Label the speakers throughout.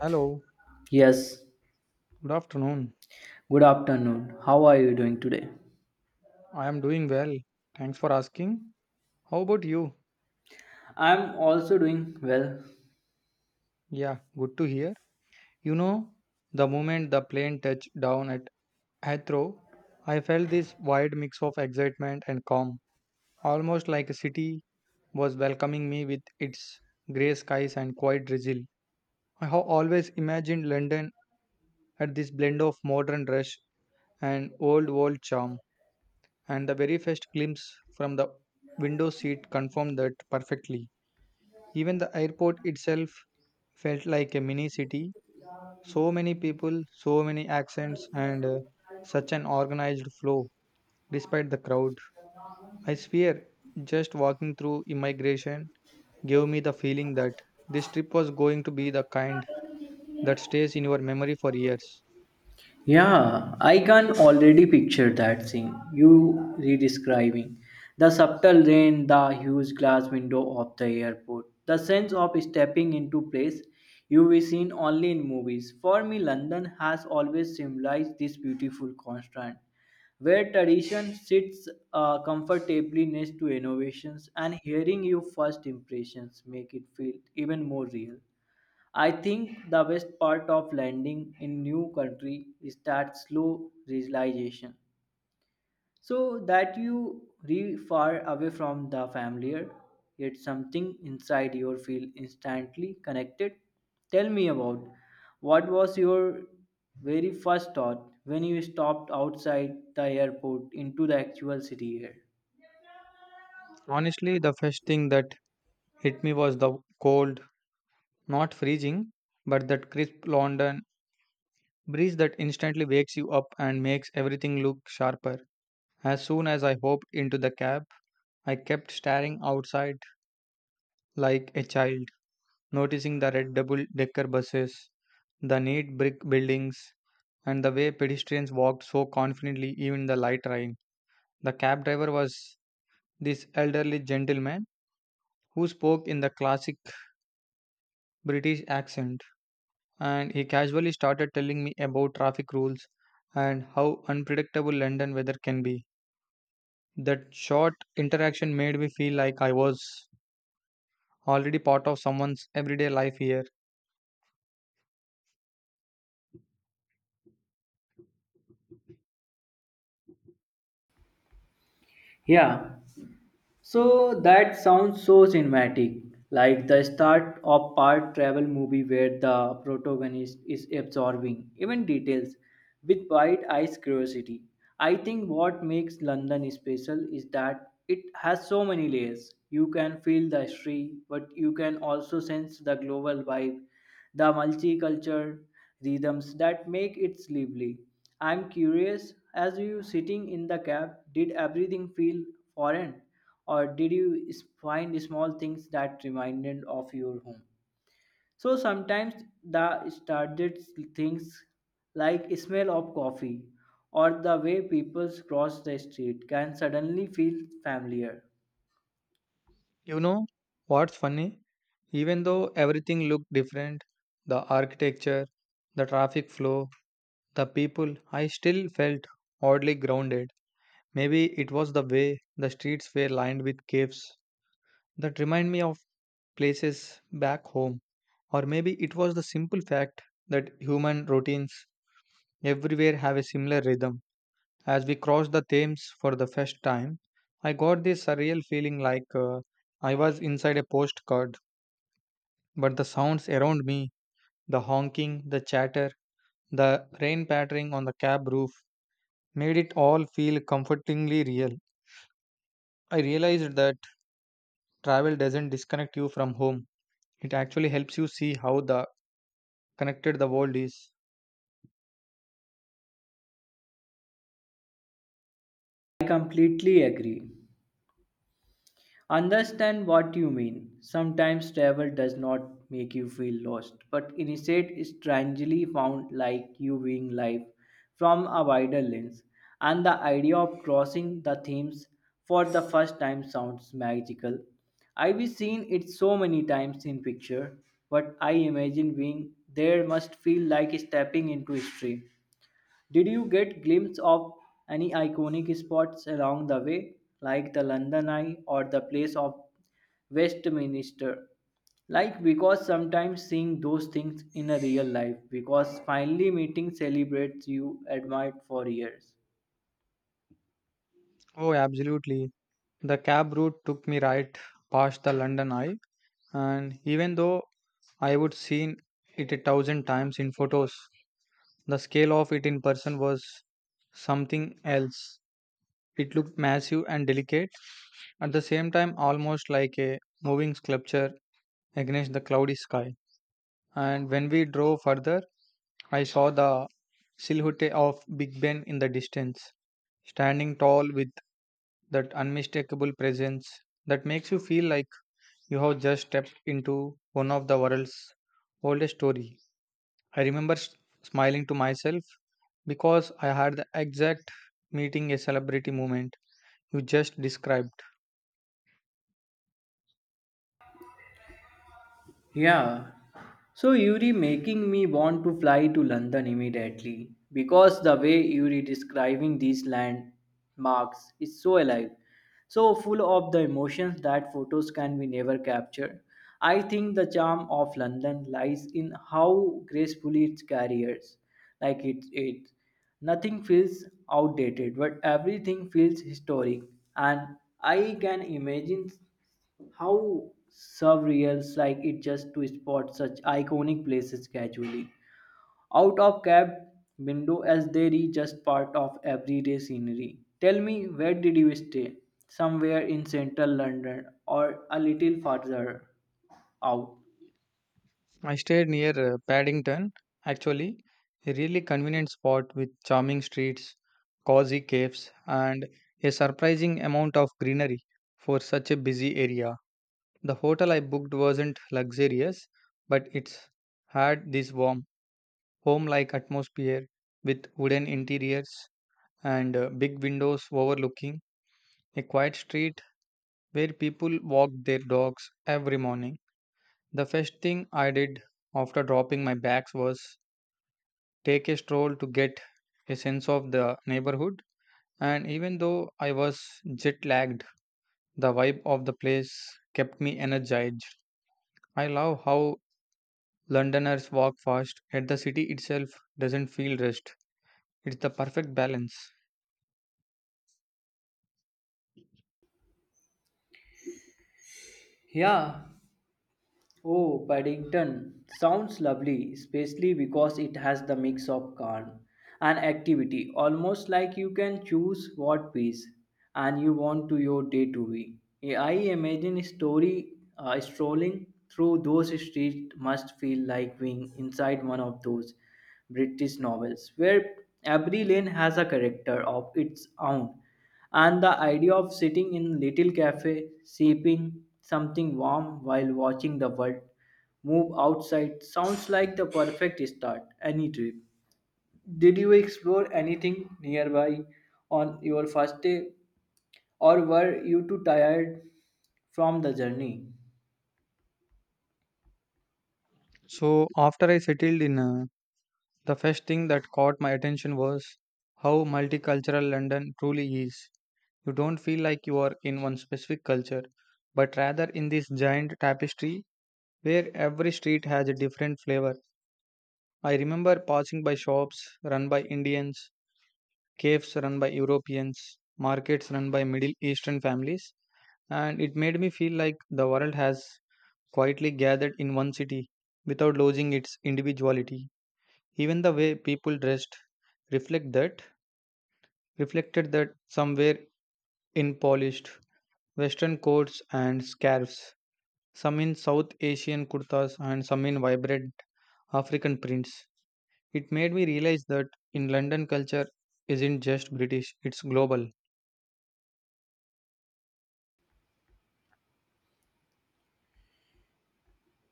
Speaker 1: Hello,
Speaker 2: Yes,
Speaker 1: good afternoon.
Speaker 2: good afternoon. How are you doing today?
Speaker 1: I am doing well. Thanks for asking. How about you?
Speaker 2: I'm also doing well.
Speaker 1: Yeah, good to hear. You know, the moment the plane touched down at Heathrow, I felt this wide mix of excitement and calm, almost like a city was welcoming me with its grey skies and quiet drizzle. I have always imagined London at this blend of modern rush and old world charm, and the very first glimpse from the window seat confirmed that perfectly. Even the airport itself felt like a mini city. So many people, so many accents, and such an organized flow despite the crowd. I swear, just walking through immigration gave me the feeling that this trip was going to be the kind that stays in your memory for years.
Speaker 2: Yeah, I can already picture that scene you re-describing. The subtle rain, the huge glass window of the airport, the sense of stepping into place you've seen only in movies. For me, London has always symbolized this beautiful constant, where tradition sits comfortably next to innovations, and hearing your first impressions make it feel even more real. I think the best part of landing in new country is that slow realization. So that you re far away from the familiar, yet something inside your feel instantly connected. Tell me about what was your very first thought when you stopped outside the airport into the actual city here.
Speaker 1: Honestly, the first thing that hit me was the cold, not freezing, but that crisp London breeze that instantly wakes you up and makes everything look sharper. As soon as I hopped into the cab, I kept staring outside like a child, noticing the red double decker buses, the neat brick buildings, and the way pedestrians walked so confidently even in the light rain. The cab driver was this elderly gentleman who spoke in the classic British accent, and he casually started telling me about traffic rules and how unpredictable London weather can be. That short interaction made me feel like I was already part of someone's everyday life here.
Speaker 2: Yeah, so that sounds so cinematic, like the start of part travel movie where the protagonist is absorbing even details with wide eyes curiosity. I think what makes London special is that it has so many layers. You can feel the history, but you can also sense the global vibe the multicultural rhythms that make it lively. I'm curious, as you sitting in the cab, did everything feel foreign, or did you find small things that reminded of your home? So sometimes the started things like smell of coffee or the way people cross the street can suddenly feel familiar.
Speaker 1: You know what's funny? Even though everything looked different, the architecture, the traffic flow, the people, I still felt oddly grounded. Maybe it was the way the streets were lined with caves that remind me of places back home. Or maybe it was the simple fact that human routines everywhere have a similar rhythm. As we crossed the Thames for the first time, I got this surreal feeling like I was inside a postcard, but the sounds around me, the honking, the chatter, the rain pattering on the cab roof, made it all feel comfortingly real. I realized that travel doesn't disconnect you from home, it actually helps you see how the connected the world is.
Speaker 2: I completely agree. Understand what you mean. Sometimes travel does not make you feel lost, but instead is strangely found like you viewing life from a wider lens. And the idea of crossing the themes for the first time sounds magical. I've seen it so many times in picture, but I imagine being there must feel like stepping into history did you get glimpse of any iconic spots along the way, like the London Eye or the place of Westminster? Like because sometimes seeing those things in a real life, because finally meeting celebrates you admired for years.
Speaker 1: Oh, absolutely. The cab route took me right past the London Eye, and even though I would seen it a thousand times in photos, the scale of it in person was something else. It looked massive and delicate, at the same time almost like a moving sculpture against the cloudy sky. And when we drove further, I saw the silhouette of Big Ben in the distance, standing tall with that unmistakable presence that makes you feel like you have just stepped into one of the world's oldest story. I remember smiling to myself because I had the exact meeting a celebrity moment you just described.
Speaker 2: Yeah. So Yuri making me want to fly to London immediately because the way Yuri describing these landmarks is so alive, so full of the emotions that photos can be never captured. I think the charm of London lies in how gracefully it carries, like it nothing feels outdated, but everything feels historic, and I can imagine how surreals like it just to spot such iconic places casually out of cab window as they are just part of everyday scenery. Tell me, where did you stay? Somewhere in central London or a little farther out?
Speaker 1: I stayed near Paddington, actually, a really convenient spot with charming streets, cozy caves, and a surprising amount of greenery for such a busy area. The hotel I booked wasn't luxurious, but it's had this warm, home like atmosphere with wooden interiors and big windows overlooking a quiet street where people walked their dogs every morning. The first thing I did after dropping my bags was take a stroll to get a sense of the neighborhood. And even though I was jet lagged, the vibe of the place kept me energized. I love how Londoners walk fast, yet the city itself doesn't feel rushed. It's the perfect balance.
Speaker 2: Yeah, oh, Paddington sounds lovely, especially because it has the mix of calm and activity, almost like you can choose what piece and you want to your day to be. Yeah, I imagine a story strolling through those streets must feel like being inside one of those British novels where every lane has a character of its own and the idea of sitting in little cafe, sipping something warm while watching the world move outside sounds like the perfect start any trip. Did you explore anything nearby on your first day or were you too tired from the journey?
Speaker 1: So after I settled in, the first thing that caught my attention was how multicultural London truly is. You don't feel like you are in one specific culture, but rather in this giant tapestry where every street has a different flavor. I remember passing by shops run by Indians, caves run by Europeans, markets run by Middle Eastern families, and it made me feel like the world has quietly gathered in one city without losing its individuality. Even the way people dressed reflect that reflected that, somewhere in polished Western coats and scarves, some in South Asian kurtas, and some in vibrant African prints. It made me realize that in London, culture isn't just British, it's global.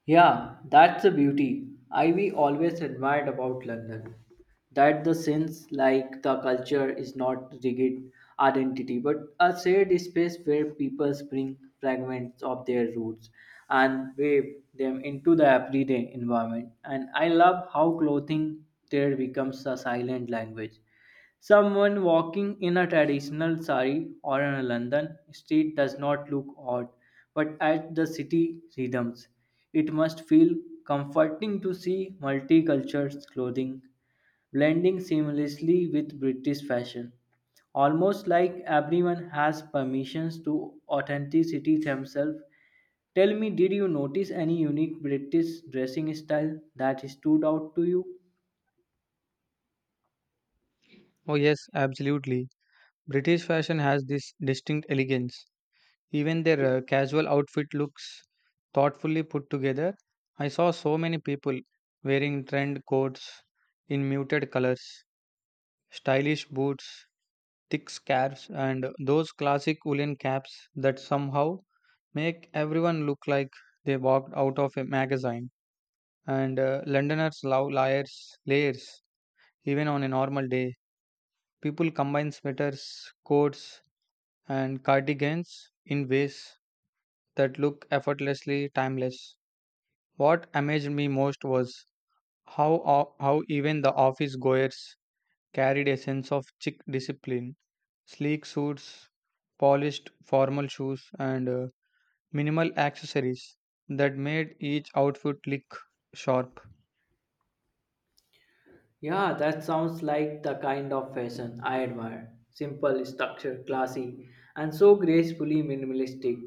Speaker 2: Yeah, that's the beauty. I we always admired about London. That the sense like the culture is not rigid identity, but a shared space where people bring fragments of their roots and wave them into the everyday environment. And I love how clothing there becomes a silent language Someone walking in a traditional sari or on a London street does not look odd, but at the city rhythms, it must feel comforting to see multicultural clothing blending seamlessly with British fashion. Almost like everyone has permissions to authenticity themselves. Tell me, did you notice any unique British dressing style that stood out to you?
Speaker 1: Oh, yes, absolutely. British fashion has this distinct elegance. Even their casual outfit looks thoughtfully put together. I saw so many people wearing trend coats in muted colors, stylish boots, thick scarves, and those classic woolen caps that somehow make everyone look like they walked out of a magazine. And Londoners love layers, even on a normal day. People combine sweaters, coats, and cardigans in ways that look effortlessly timeless. What amazed me most was how even the office goers carried a sense of chic discipline. Sleek suits, polished formal shoes, and minimal accessories that made each outfit look sharp.
Speaker 2: Yeah, that sounds like the kind of fashion I admire. Simple, structured, classy, and so gracefully minimalistic.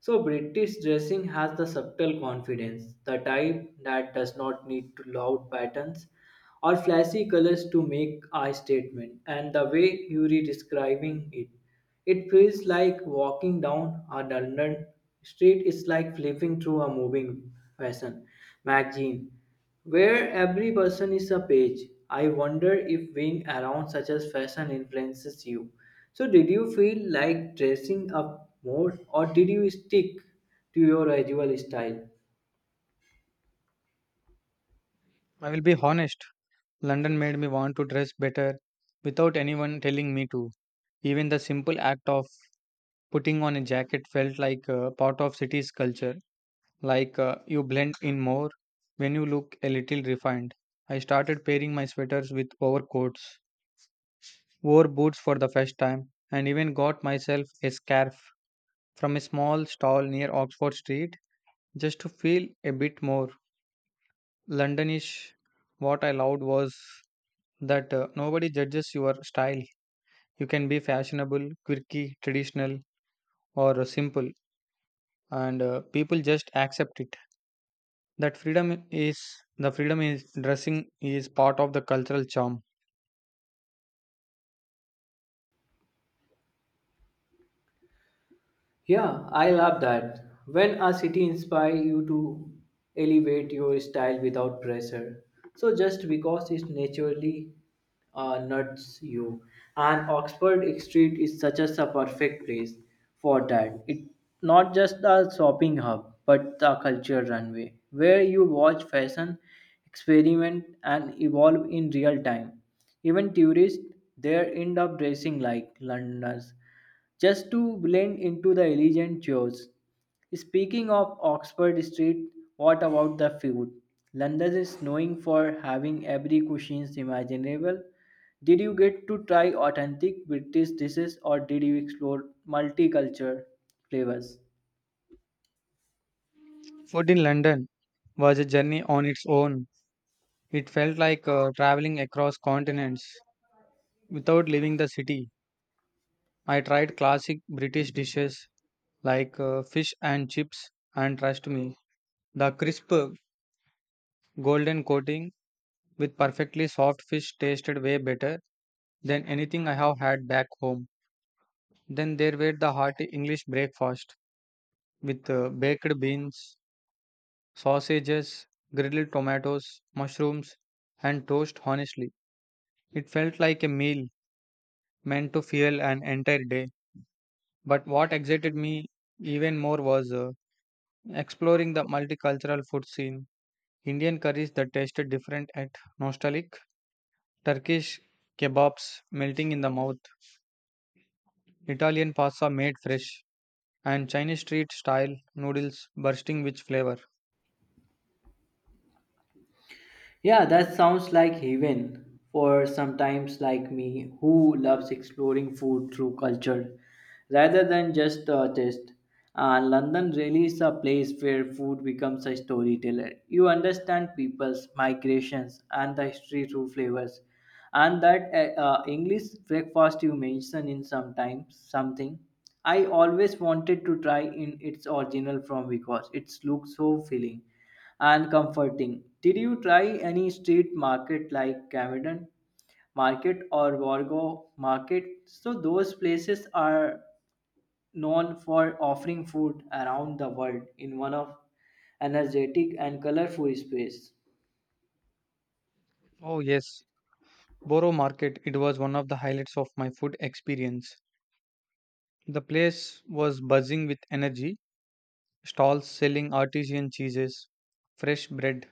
Speaker 2: So, British dressing has the subtle confidence, the type that does not need to loud patterns or flashy colors to make a statement and the way Yuri describing it it feels like walking down a London street is like flipping through a moving fashion magazine where every person is a page. I wonder if being around such as fashion influences you. So did you feel like dressing up more or did you stick to your usual style?
Speaker 1: I will be honest, London made me want to dress better without anyone telling me to. Even the simple act of putting on a jacket felt like a part of city's culture, like you blend in more when you look a little refined. I started pairing my sweaters with overcoats, wore boots for the first time, and even got myself a scarf from a small stall near Oxford Street just to feel a bit more Londonish. What I loved was that nobody judges your style. You can be fashionable, quirky, traditional, or simple, and people just accept it. That freedom is The freedom is dressing is part of the cultural charm.
Speaker 2: Yeah, I love that. When a city inspire you to elevate your style without pressure. So just because it naturally nuts you. And Oxford Street is such a perfect place for that. It not just a shopping hub, but the culture runway where you watch fashion experiment and evolve in real time. Even tourists there end up dressing like Londoners just to blend into the elegant chores. Speaking of Oxford Street, what about the food? London is known for having every cuisine imaginable. Did you get to try authentic British dishes or did you explore multicultural flavors?
Speaker 1: Food in London was a journey on its own. It felt like traveling across continents without leaving the city. I tried classic British dishes like fish and chips, and trust me, the crisp golden coating with perfectly soft fish tasted way better than anything I have had back home. Then there were the hearty English breakfast with baked beans, sausages, grilled tomatoes, mushrooms, and toast. Honestly, it felt like a meal meant to fuel an entire day. But what excited me even more was exploring the multicultural food scene, Indian curries that tasted different at nostalgic, Turkish kebabs melting in the mouth, Italian pasta made fresh, and Chinese street style noodles bursting with flavor.
Speaker 2: Yeah, that sounds like heaven for sometimes like me who loves exploring food through culture rather than just a taste. And London really is a place where food becomes a storyteller. You understand people's migrations and the history through flavors. And that English breakfast you mentioned in sometimes something I always wanted to try in its original form because it looks so filling and comforting. Did you try any street market like Camden Market or Wargo Market? So those places are known for offering food around the world in one of energetic and colorful space.
Speaker 1: Oh, yes, Boro Market, it was one of the highlights of my food experience. The place was buzzing with energy, stalls selling artisan cheeses, fresh bread,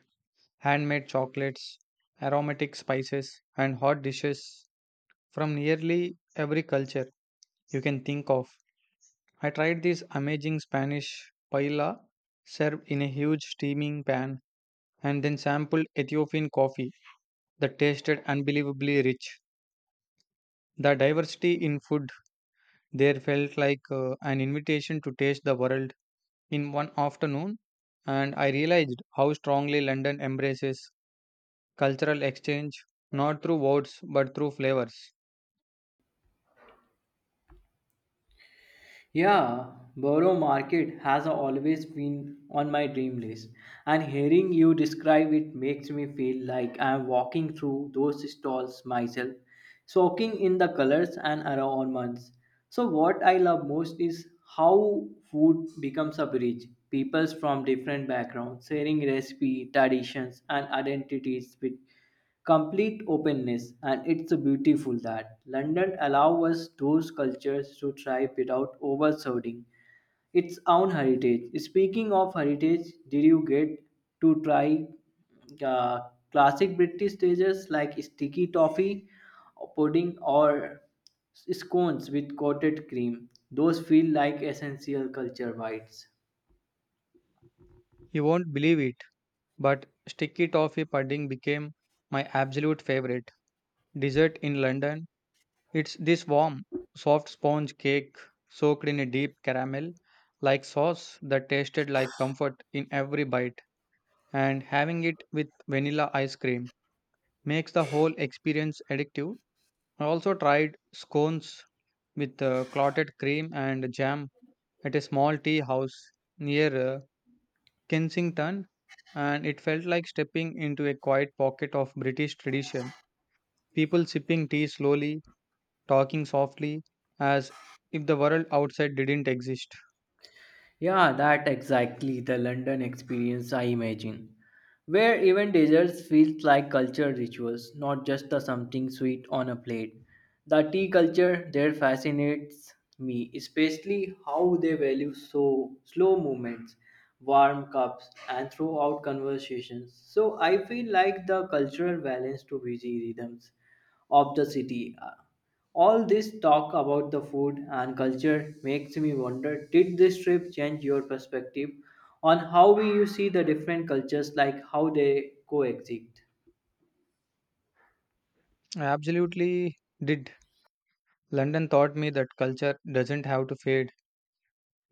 Speaker 1: handmade chocolates, aromatic spices, and hot dishes from nearly every culture you can think of. I tried this amazing Spanish paella served in a huge steaming pan and then sampled Ethiopian coffee that tasted unbelievably rich. The diversity in food there felt like an invitation to taste the world in one afternoon, and I realized how strongly London embraces cultural exchange, not through words but through flavors.
Speaker 2: Yeah, Borough Market has always been on my dream list, and hearing you describe it makes me feel like I'm walking through those stalls myself, soaking in the colors and aromas. So, what I love most is how food becomes a bridge. Peoples from different backgrounds sharing recipe, traditions, and identities with complete openness and it's beautiful that london allows us those cultures to thrive without overshadowing its own heritage speaking of heritage did you get to try uh, classic british dishes like sticky toffee pudding or scones with coated cream those feel like essential culture bites
Speaker 1: You won't believe it, but sticky toffee pudding became my absolute favorite dessert in London. It's this warm, soft sponge cake soaked in a deep caramel like sauce that tasted like comfort in every bite, and having it with vanilla ice cream makes the whole experience addictive. I also tried scones with clotted cream and jam at a small tea house near Kensington, and it felt like stepping into a quiet pocket of British tradition. People sipping tea slowly, talking softly, as if the world outside didn't exist.
Speaker 2: Yeah, that exactly the London experience I imagine, where even desserts feel like cultural rituals, not just the something sweet on a plate. The tea culture there fascinates me, especially how they value so slow movements, warm cups, and throughout conversations. So I feel like the cultural balance to busy rhythms of the city. All this talk about the food and culture makes me wonder did this trip change your perspective on how we you see the different cultures like how they coexist?
Speaker 1: I absolutely did. London taught me that culture doesn't have to fade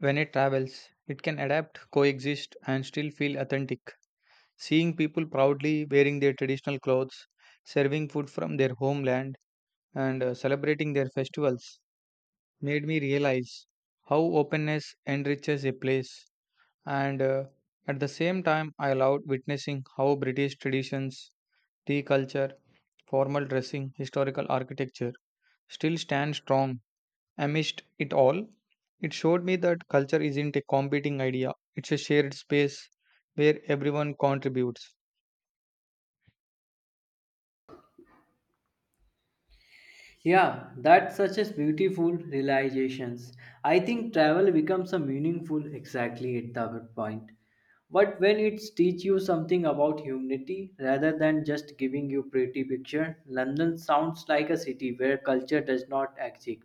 Speaker 1: when it travels, it can adapt, coexist, and still feel authentic. Seeing people proudly wearing their traditional clothes, serving food from their homeland, and celebrating their festivals made me realize how openness enriches a place, and at the same time, I loved witnessing how British traditions, tea culture, formal dressing, historical architecture still stand strong amidst it all. It showed me that culture isn't a competing idea, it's a shared space where everyone contributes.
Speaker 2: Yeah, that's such a beautiful realizations. I think travel becomes a meaningful exactly at that point. But when it teach you something about humanity rather than just giving you pretty picture, London sounds like a city where culture does not exist.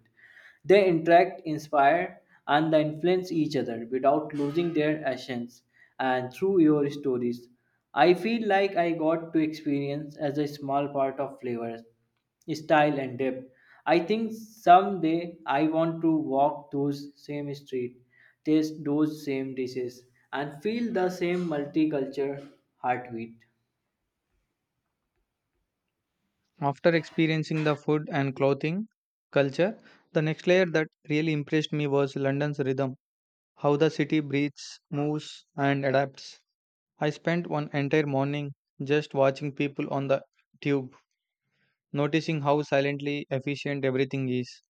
Speaker 2: They interact, inspire, and they influence each other without losing their essence. And through your stories, I feel like I got to experience as a small part of flavors, style, and depth. I think someday I want to walk those same streets, taste those same dishes, and feel the same multicultural heartbeat.
Speaker 1: After experiencing the food and clothing culture, the next layer that really impressed me was London's rhythm, how the city breathes, moves, and adapts. I spent one entire morning just watching people on the tube, noticing how silently efficient everything is,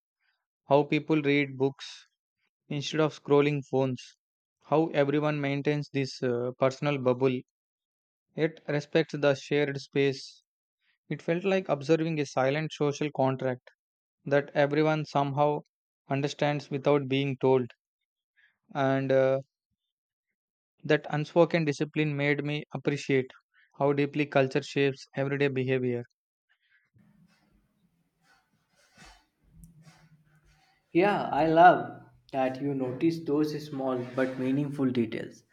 Speaker 1: how people read books instead of scrolling phones, how everyone maintains this personal bubble yet respects the shared space. It felt like observing a silent social contract that everyone somehow understands without being told. And That unspoken discipline made me appreciate how deeply culture shapes everyday behavior.
Speaker 2: Yeah, I love that you notice those small but meaningful details.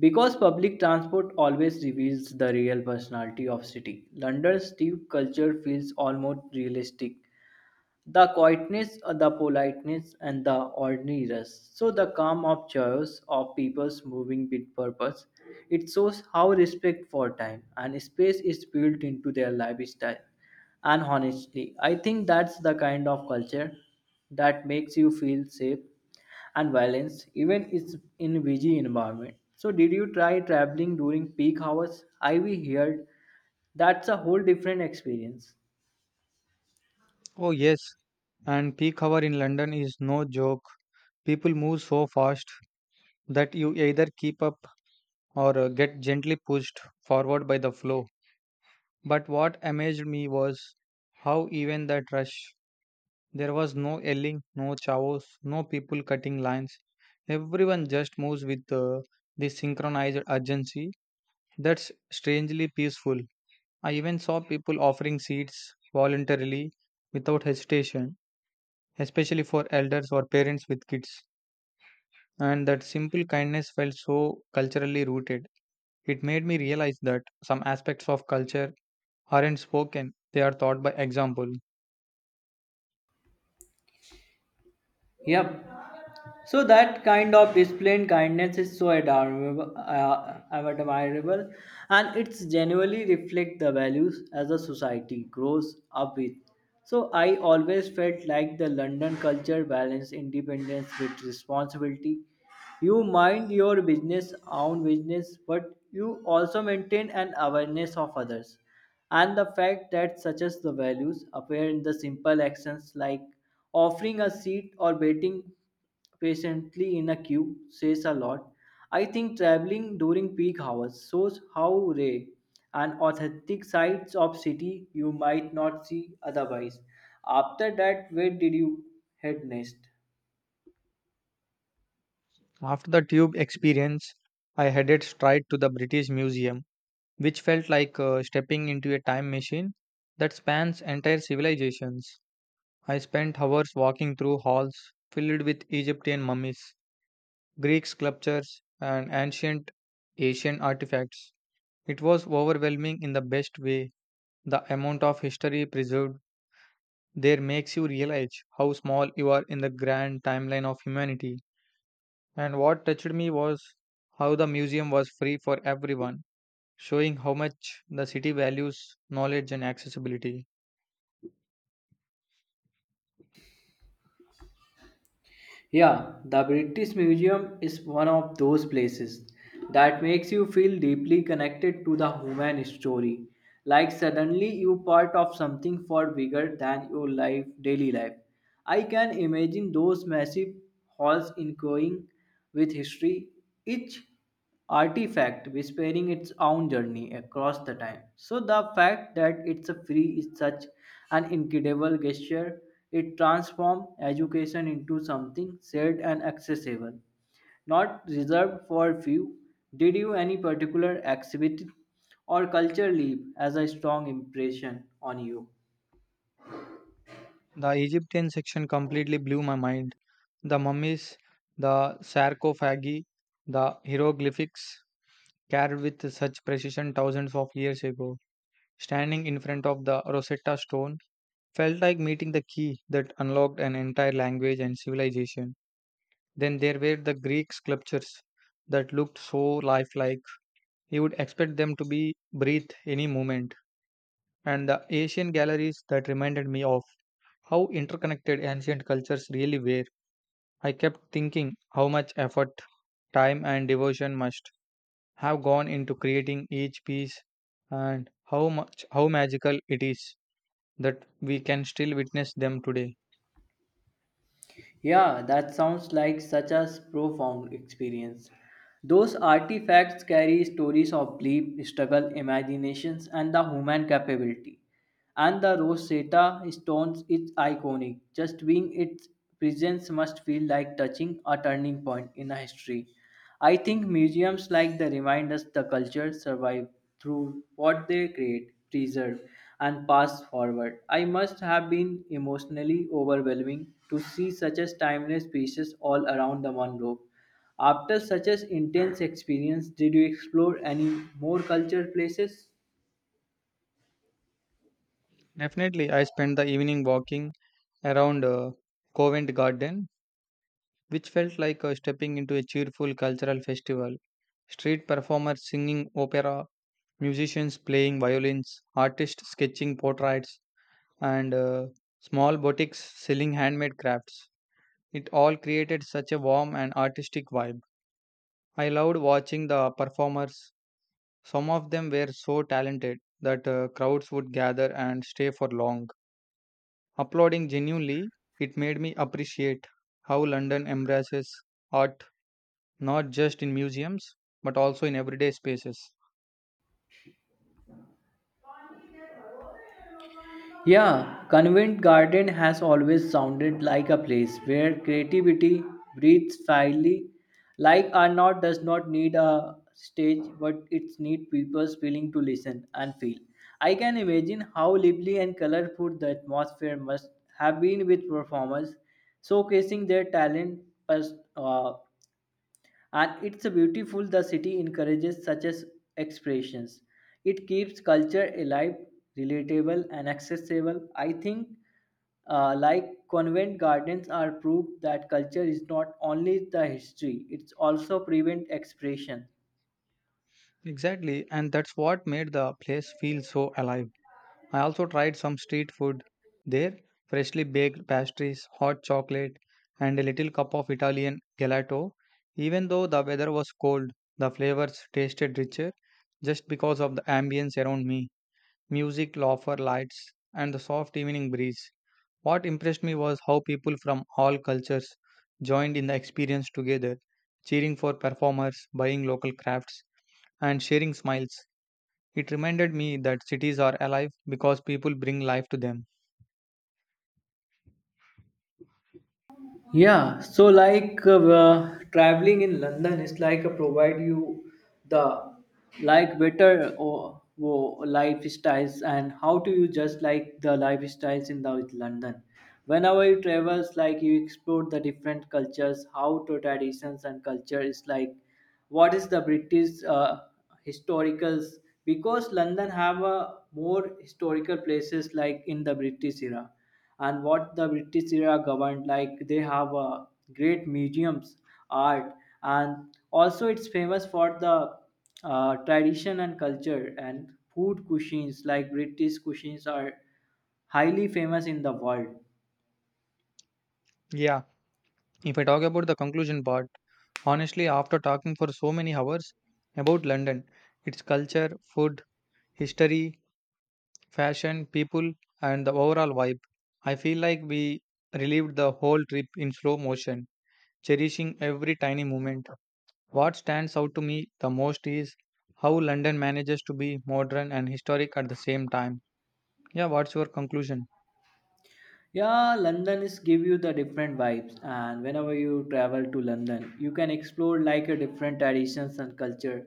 Speaker 2: Because public transport always reveals the real personality of city, London's deep culture feels almost realistic. The quietness, the politeness, and the ordinariness. So the calm of chaos of people's moving with purpose. It shows how respect for time and space is built into their lifestyle. And honestly, I think that's the kind of culture that makes you feel safe and violence, even is in busy environment. So, did you try traveling during peak hours? I we heard that's a whole different experience.
Speaker 1: Oh, yes, and peak hour in London is no joke. People move so fast that you either keep up or get gently pushed forward by the flow. But what amazed me was how, even that rush, there was no yelling, no chaos, no people cutting lines. Everyone just moves with this synchronized urgency that's strangely peaceful. I even saw people offering seats voluntarily without hesitation, especially for elders or parents with kids. And that simple kindness felt so culturally rooted. It made me realize that some aspects of culture aren't spoken, they are taught by example.
Speaker 2: Yep, so that kind of displayed kindness is so admirable, and it's genuinely reflect the values as a society grows up with. So I always felt like the London culture balance independence with responsibility. You mind your business, own business, but you also maintain an awareness of others. And the fact that such as the values appear in the simple actions like offering a seat or waiting patiently in a queue says a lot. I think traveling during peak hours shows how rare and authentic sides of city you might not see otherwise. After that, where did you head next?
Speaker 1: After the tube experience, I headed straight to the British Museum, which felt like stepping into a time machine that spans entire civilizations. I spent hours walking through halls filled with Egyptian mummies, Greek sculptures, and ancient Asian artifacts. It was overwhelming in the best way. The amount of history preserved there makes you realize how small you are in the grand timeline of humanity. And what touched me was how the museum was free for everyone, showing how much the city values knowledge and accessibility.
Speaker 2: Yeah, the British Museum is one of those places that makes you feel deeply connected to the human story. Like suddenly you part of something far bigger than your life, daily life. I can imagine those massive halls echoing with history, each artifact whispering its own journey across the time. So the fact that it's a free is such an incredible gesture. It transforms education into something shared and accessible, not reserved for few. Did you any particular exhibit or culture leave as a strong impression on you?
Speaker 1: The Egyptian section completely blew my mind. The mummies, the sarcophagi, the hieroglyphics, carved with such precision thousands of years ago. Standing in front of the Rosetta Stone felt like meeting the key that unlocked an entire language and civilization. Then there were the Greek sculptures that looked so lifelike. You would expect them to be breathed any moment. And the Asian galleries that reminded me of how interconnected ancient cultures really were. I kept thinking how much effort, time, and devotion must have gone into creating each piece, and how magical it is that we can still witness them today.
Speaker 2: Yeah, that sounds like such a profound experience. Those artifacts carry stories of belief, struggle, imaginations, and the human capability. And the Rosetta Stones is iconic. Just being its presence must feel like touching a turning point in a history. I think museums like the remind us the culture survive through what they create, preserve, and pass forward. I must have been emotionally overwhelming to see such as timeless pieces all around the Monroe. After such as intense experience, did you explore any more culture places?
Speaker 1: Definitely, I spent the evening walking around Covent Garden, which felt like stepping into a cheerful cultural festival, street performers singing opera, musicians playing violins, artists sketching portraits, and small boutiques selling handmade crafts. It all created such a warm and artistic vibe. I loved watching the performers. Some of them were so talented that crowds would gather and stay for long, applauding genuinely. It made me appreciate how London embraces art not just in museums but also in everyday spaces.
Speaker 2: Yeah, Convent Garden has always sounded like a place where creativity breathes freely. Like Arnaut does not need a stage, but it needs people willing to listen and feel. I can imagine how lively and colorful the atmosphere must have been with performers showcasing their talent pers- uh, and it's beautiful the city encourages such as expressions it keeps culture alive relatable and accessible I think like convent gardens are proof that culture is not only the history it's also prevent expression
Speaker 1: Exactly, and that's what made the place feel so alive. I also tried some street food there, freshly baked pastries, hot chocolate, and a little cup of Italian gelato. Even though the weather was cold, the flavors tasted richer just because of the ambience around me, music, laughter, lights, and the soft evening breeze. What impressed me was how people from all cultures joined in the experience together, cheering for performers, buying local crafts, and sharing smiles. It reminded me that cities are alive because people bring life to them.
Speaker 2: Yeah, so like traveling in London is like provide you the like better or lifestyles and how do you just like the lifestyles in the with London. Whenever you travels, like you explore the different cultures, how to traditions and culture is like what is the British historicals because London have a more historical places like in the British era and what the british era governed like they have great museums art and also it's famous for the tradition and culture and food cuisines like british cuisines are highly famous in the world
Speaker 1: Yeah, if I talk about the conclusion part, honestly, after talking for so many hours about London, its culture, food, history, fashion, people, and the overall vibe, I feel like we relived the whole trip in slow motion, cherishing every tiny moment. What stands out to me the most is how London manages to be modern and historic at the same time. Yeah, what's your conclusion?
Speaker 2: Yeah, London is give you the different vibes, and whenever you travel to London, you can explore like a different traditions and culture,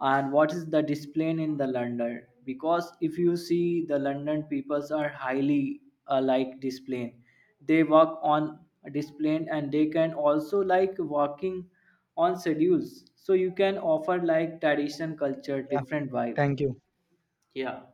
Speaker 2: and what is the display in the London. Because if you see the London peoples are highly like display, they work on display and they can also like working on schedules. So you can offer like tradition culture
Speaker 1: Yeah,
Speaker 2: different vibe.
Speaker 1: thank you.
Speaker 2: Yeah.